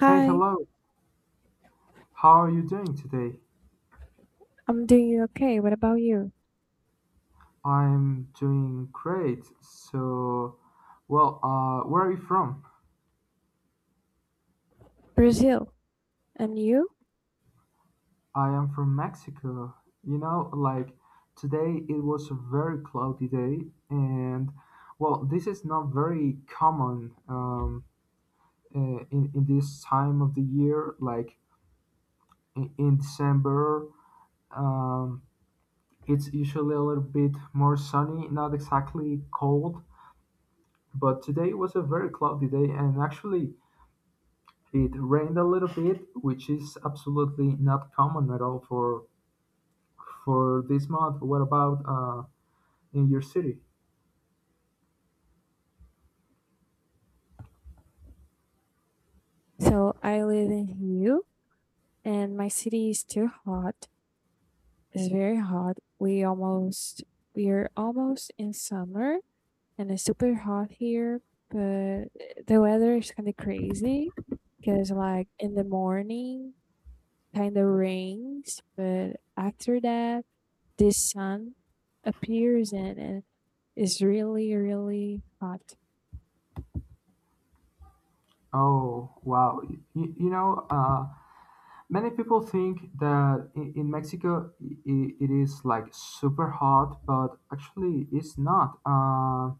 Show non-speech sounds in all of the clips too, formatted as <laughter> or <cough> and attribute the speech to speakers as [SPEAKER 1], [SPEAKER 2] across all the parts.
[SPEAKER 1] Hey,
[SPEAKER 2] Hi,
[SPEAKER 1] hello. How are you doing today?
[SPEAKER 2] I'm doing okay. What about you?
[SPEAKER 1] I'm doing great. So, well, where are you from?
[SPEAKER 2] Brazil. And you?
[SPEAKER 1] I am from Mexico. Like today it was a very cloudy day, and well, this is not very common in this time of the year. Like in December, um, it's usually a little bit more sunny, not exactly cold. But today was a very cloudy day, and actually it rained a little bit, which is absolutely not common at all for this month. What about in your city?
[SPEAKER 2] So I live in Rio and my city is too hot. It's very hot. We are almost in summer and it's super hot here, but the weather is kind of crazy because like in the morning kind of rains, but after that this sun appears and it's really really hot.
[SPEAKER 1] Oh, wow. You, you know, uh, many people think that in Mexico it is like super hot, but actually it's not. Uh,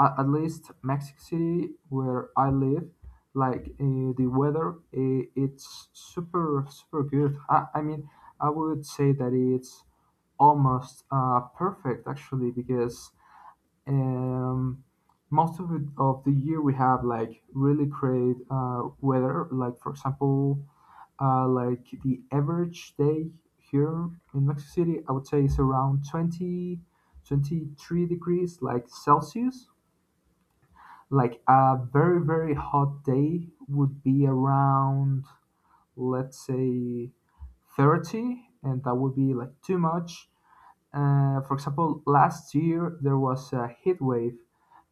[SPEAKER 1] at, at least Mexico City, where I live, like the weather, it's super, super good. I mean, I would say that it's almost perfect actually, because um, most of the year we have like really great weather. Like for example, like the average day here in Mexico City, I would say is around 20, 23 degrees, like Celsius. Like a very very hot day would be around, let's say, 30, and that would be like too much. For example, last year there was a heat wave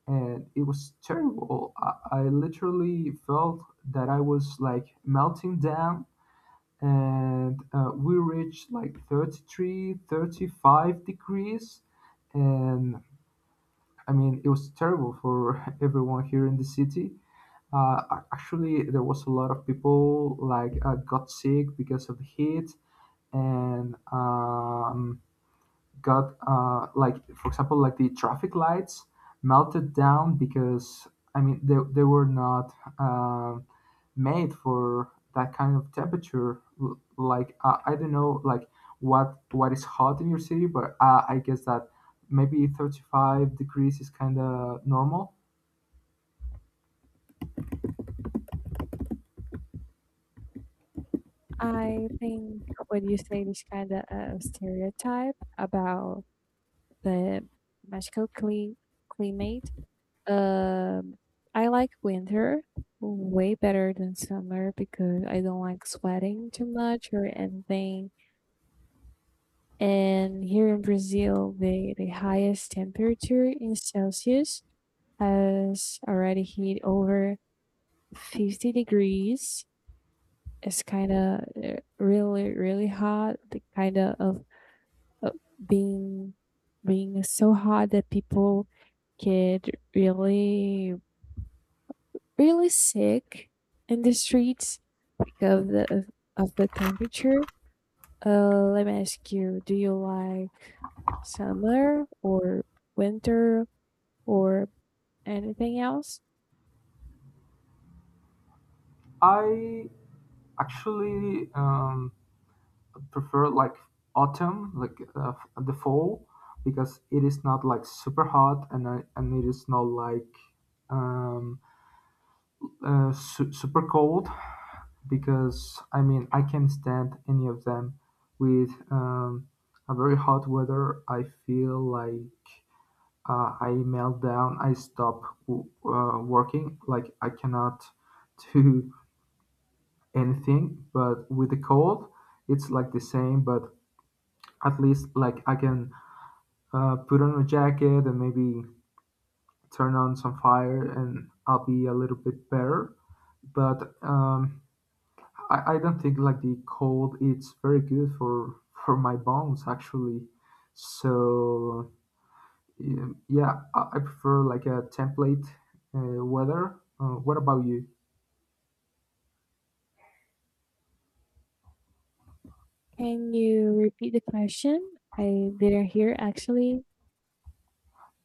[SPEAKER 1] and it was terrible. I literally felt that I was like melting down, and we reached like 33, 35 degrees. And I mean, it was terrible for <laughs> everyone here in the city. Actually, there was a lot of people like got sick because of the heat, and got like for example like the traffic lights melted down because, I mean, they were not um made for that kind of temperature. L- Like, I don't know, like what what is hot in your city, but I guess that maybe 35 degrees is kind of normal.
[SPEAKER 2] I think when you say this kind of stereotype about the Mexico cle climate, um, I like winter way better than summer because I don't like sweating too much or anything. And here in Brazil, the highest temperature in Celsius has already hit over 50 degrees. It's kind of really, really hot, the kind of uh, being being so hot that people get really really sick in the streets because of the temperature. Let me ask you: do you like summer or winter or anything else?
[SPEAKER 1] I actually um, prefer like autumn, like the fall, because it is not like super hot, and it is not like um, super cold. Because, I mean, I can't stand any of them. With a very hot weather, I feel like I melt down. I stop working. Like, I cannot <laughs> do anything. But with the cold, it's like the same. But at least like I can put on a jacket and maybe turn on some fire, and I'll be a little bit better. But I don't think like the cold it's very good for my bones actually. So yeah, I prefer like a template weather. What about you?
[SPEAKER 2] Can you repeat the question? I didn't hear actually.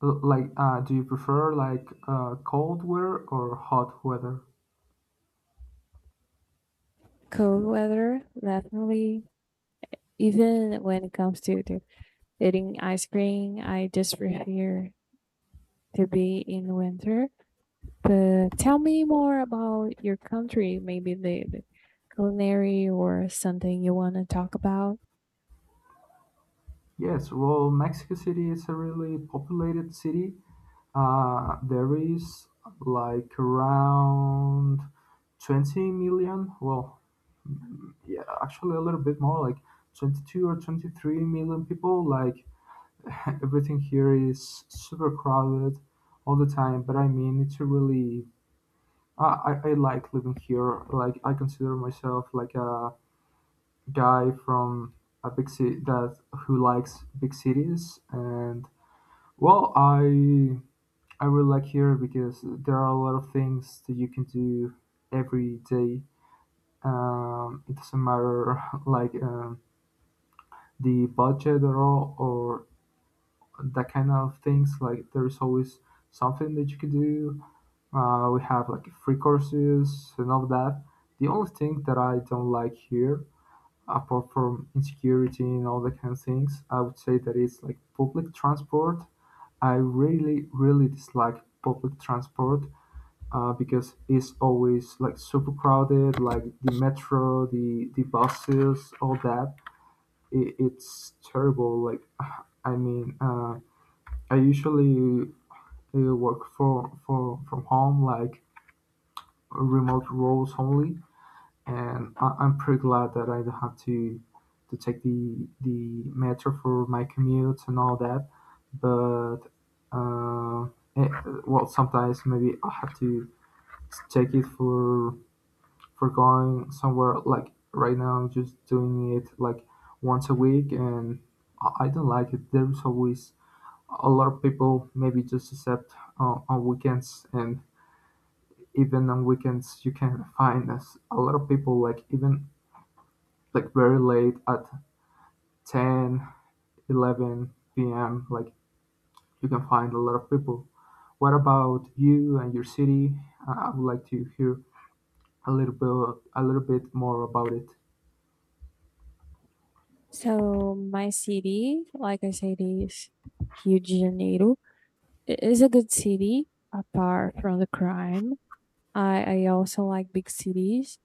[SPEAKER 1] Like, do you prefer like cold weather or hot weather?
[SPEAKER 2] Cold weather, definitely. Even when it comes to eating ice cream, I just prefer to be in winter. But tell me more about your country, maybe the culinary or something you want to talk about.
[SPEAKER 1] Yes, well, Mexico City is a really populated city. There is like around 20 million, well, yeah, actually a little bit more, like 22 or 23 million people. Like, <laughs> everything here is super crowded all the time, but, I mean, it's a really, I like living here. Like, I consider myself like a guy from a big city, that who likes big cities, and, well, I really like here because there are a lot of things that you can do every day. It doesn't matter, <laughs> like, the budget at all, or that kind of things. Like, there's always something that you can do. We have like free courses and all that. The only thing that I don't like here, apart from insecurity and all that kind of things, I would say that it's like public transport. I really, really dislike public transport, because it's always like super crowded, like the metro, the buses, all that. It's terrible. Like, <sighs> I mean, I usually work for from home, like remote roles only, and I'm pretty glad that I don't have to take the metro for my commute and all that. But uh, eh, well, sometimes maybe I have to take it for going somewhere, like right now I'm just doing it like once a week, and I don't like it. There's always a lot of people, maybe just except on weekends, and even on weekends you can find us a lot of people, like even like very late at 10, 11 p.m., like you can find a lot of people. What about you and your city? I would like to hear a little bit a little bit more about it.
[SPEAKER 2] So my city, like I said, is Rio de Janeiro. It is a good city apart from the crime. I also like big cities.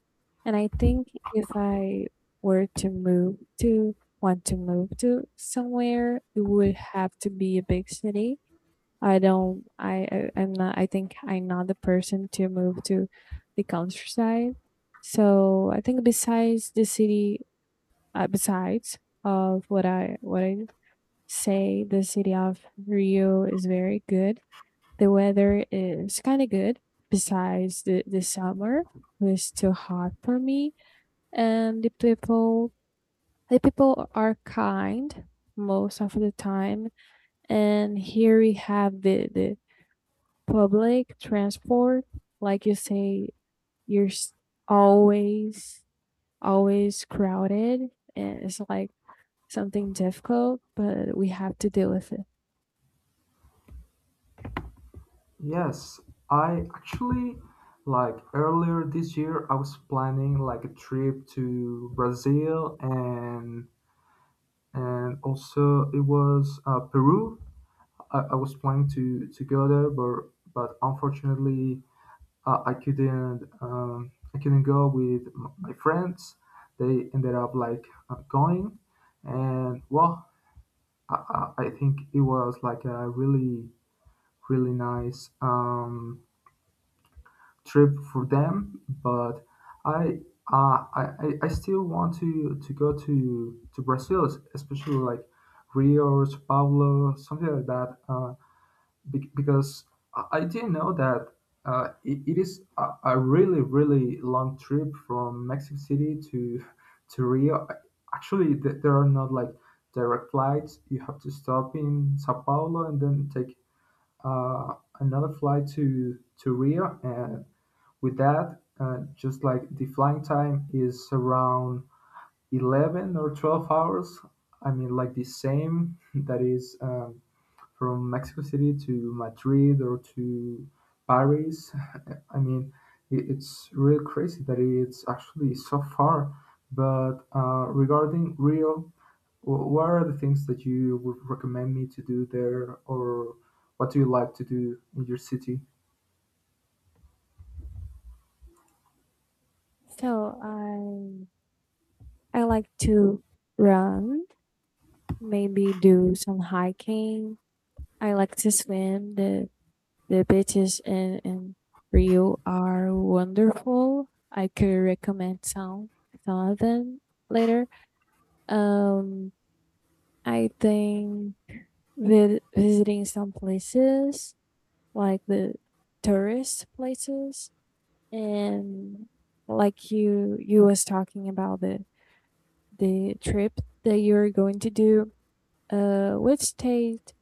[SPEAKER 2] And I think if I were to move to, want to move to somewhere, it would have to be a big city I don't. I, I think I'm not the person to move to the countryside. So I think besides the city, besides of what I say, the city of Rio is very good. The weather is kind of good. Besides the summer, was too hot for me, and the people are kind most of the time. And here we have the public transport, like you say, you're s- always, always crowded and it's like something difficult, but we have to deal with it.
[SPEAKER 1] Yes, I actually, like, earlier this year I was planning like a trip to Brazil, and also it was Peru. I was planning to go there, but unfortunately, I couldn't go with my friends. They ended up like going, and, well, I, I think it was like a really really nice trip for them, but i I still want to go to Brazil, especially like Rio or Sao Paulo, something like that, because I didn't know that it is a really, really long trip from Mexico City to Rio. Actually, there are not like direct flights. You have to stop in Sao Paulo and then take another flight to Rio. And with that, just like the flying time is around 11 or 12 hours. I mean, like the same <laughs> that is from Mexico City to Madrid or to Paris. <laughs> I mean, it's real crazy that it's actually so far. But regarding Rio, what are the things that you would recommend me to do there, or what do you like to do in your city?
[SPEAKER 2] So I like to run, maybe do some hiking. I like to swim. The beaches in Rio are wonderful. I could recommend some of them later. Um I think visiting some places like the tourist places and like you was talking about the trip that you're going to do, uh, which state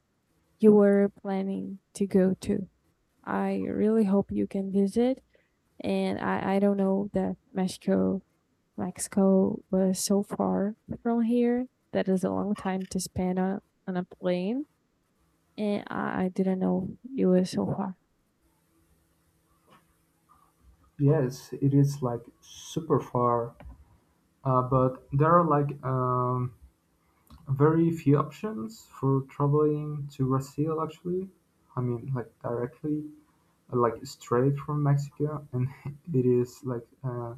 [SPEAKER 2] you were planning to go to. I really hope you can visit, and I don't know that Mexico was so far from here. That is a long time to spend on a plane, and I didn't know it was so far.
[SPEAKER 1] Yes, it is like super far. But there are like, very few options for traveling to Brazil, actually. I mean, like, directly, like straight from Mexico, and <laughs> it is like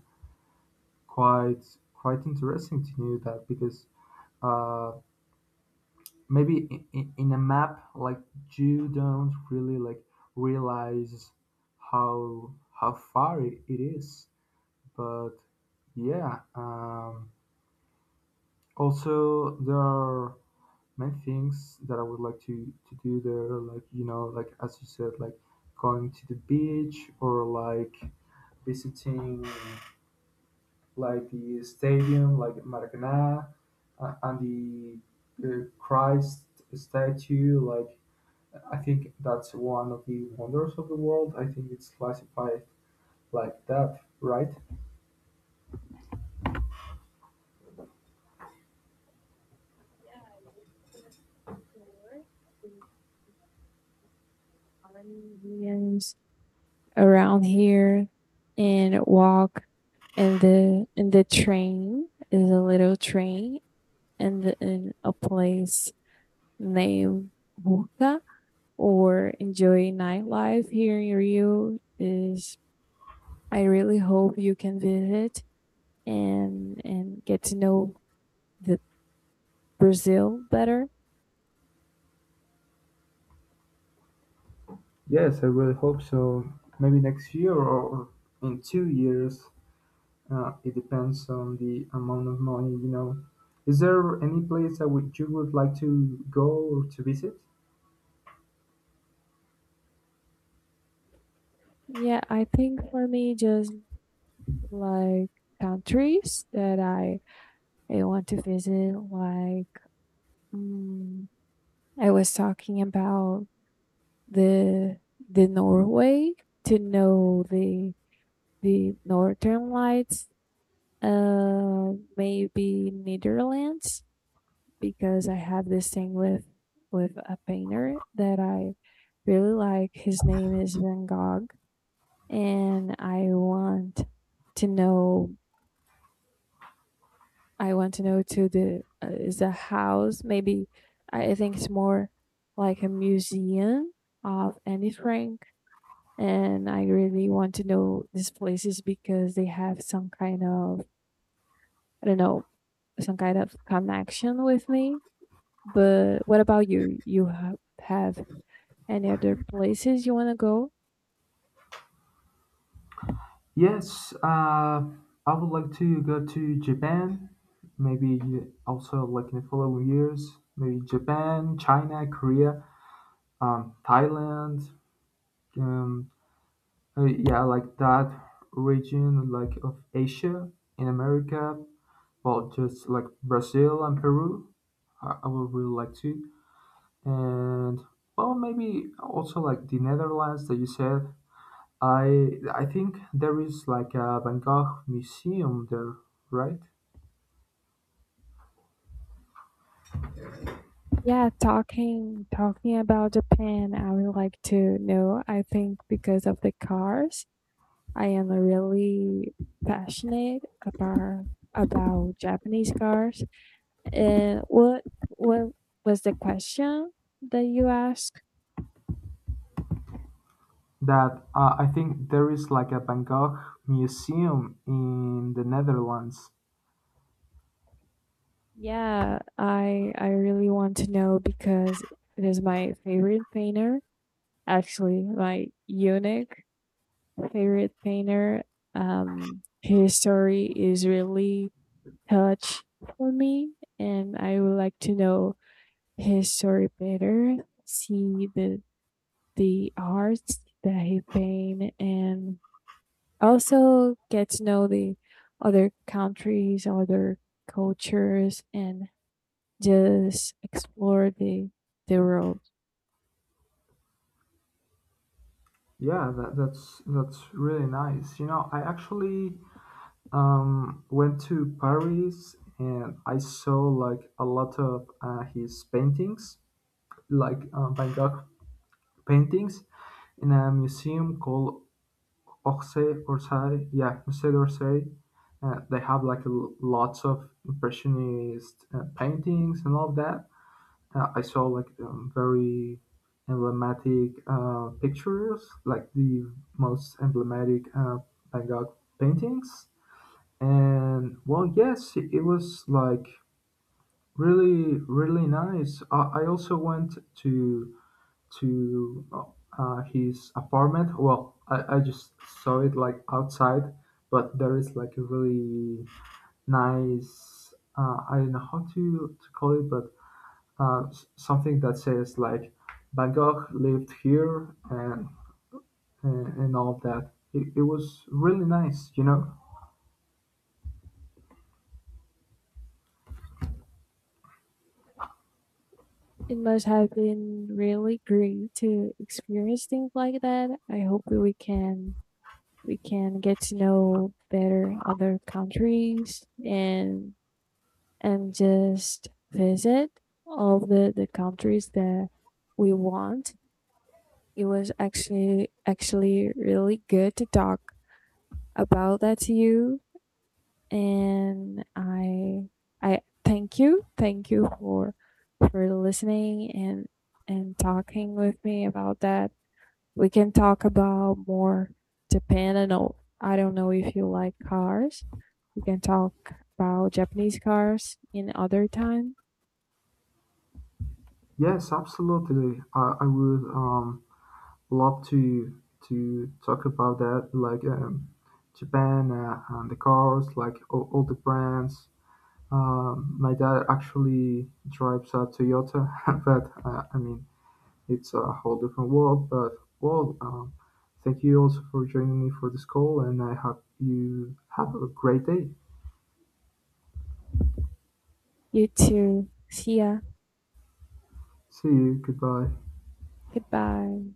[SPEAKER 1] quite quite interesting to know that, because, uh, maybe in a map, like, you don't really like realize how how far it is, but yeah. Also, there are main things that I would like to do there, like, like as you said, like going to the beach, or like visiting like the stadium, like Maracanã, and the Christ statue. Like, I think that's one of the wonders of the world. I think it's classified like that, right?
[SPEAKER 2] Indians around here and walk and the train is a little train and the, in a place named Buca or enjoy nightlife here in Rio is I really hope you can visit and get to know the Brazil better.
[SPEAKER 1] Yes, I really hope so. Maybe next year or in 2 years. It depends on the amount of money. Is there any place that would you would like to go or to visit?
[SPEAKER 2] Yeah, I think for me, just like countries that I want to visit, like, mm I was talking about the the Norway to know the Northern Lights, uh, maybe Netherlands, because I have this thing with a painter that I really like. His name is Van Gogh, and I want to know. I want to know to the is the house maybe. I think it's more like a museum of Anne Frank, and I really want to know these places because they have some kind of, I don't know, some kind of connection with me. But what about you? You have any other places you want to go?
[SPEAKER 1] Yes, I would like to go to Japan. Maybe also like in the following years, maybe Japan, China, Korea, Thailand. Um, yeah, like that region, like, of Asia. In America, well, just like Brazil and Peru. I would really like to. And, well, maybe also like the Netherlands that you said. I think there is like a Van Gogh museum there, right?
[SPEAKER 2] Yeah, talking about Japan, I would like to know. I think because of the cars, I am really passionate about Japanese cars. And what was the question that you asked?
[SPEAKER 1] That, I think there is like a Van Gogh museum in the Netherlands.
[SPEAKER 2] Yeah, I really want to know because it is my favorite painter, actually my unique favorite painter. His story is really touch for me, and I would like to know his story better. See the art that he paint, and also get to know the other countries, other cultures, and just explore the world.
[SPEAKER 1] Yeah, that's really nice. I actually went to Paris and I saw like a lot of his paintings, like Van Gogh paintings, in a museum called yeah, Musée d'Orsay. They have like lots of impressionist paintings and all of that. I saw like, very emblematic pictures, like the most emblematic Van Gogh paintings. And, well, yes, it was like really, really nice. I also went to to his apartment. Well, I just saw it like outside, but there is like a really nice. I don't know how to call it, but, something that says like Van Gogh lived here, and all of that. It was really nice.
[SPEAKER 2] It must have been really great to experience things like that. I hope that we can get to know better other countries and just visit all the countries that we want. It was actually really good to talk about that to you, and I thank you. Thank you for listening and talking with me about that. We can talk about more Japan. I know, I don't know if you like cars. We can talk about Japanese cars in other time.
[SPEAKER 1] Yes, absolutely. I would love to talk about that, like, Japan, and the cars, like all the brands. My dad actually drives a Toyota, <laughs> but, I mean, it's a whole different world. But, well, thank you also for joining me for this call, and I hope you have a great day.
[SPEAKER 2] You too. See ya.
[SPEAKER 1] See you. Goodbye.
[SPEAKER 2] Goodbye.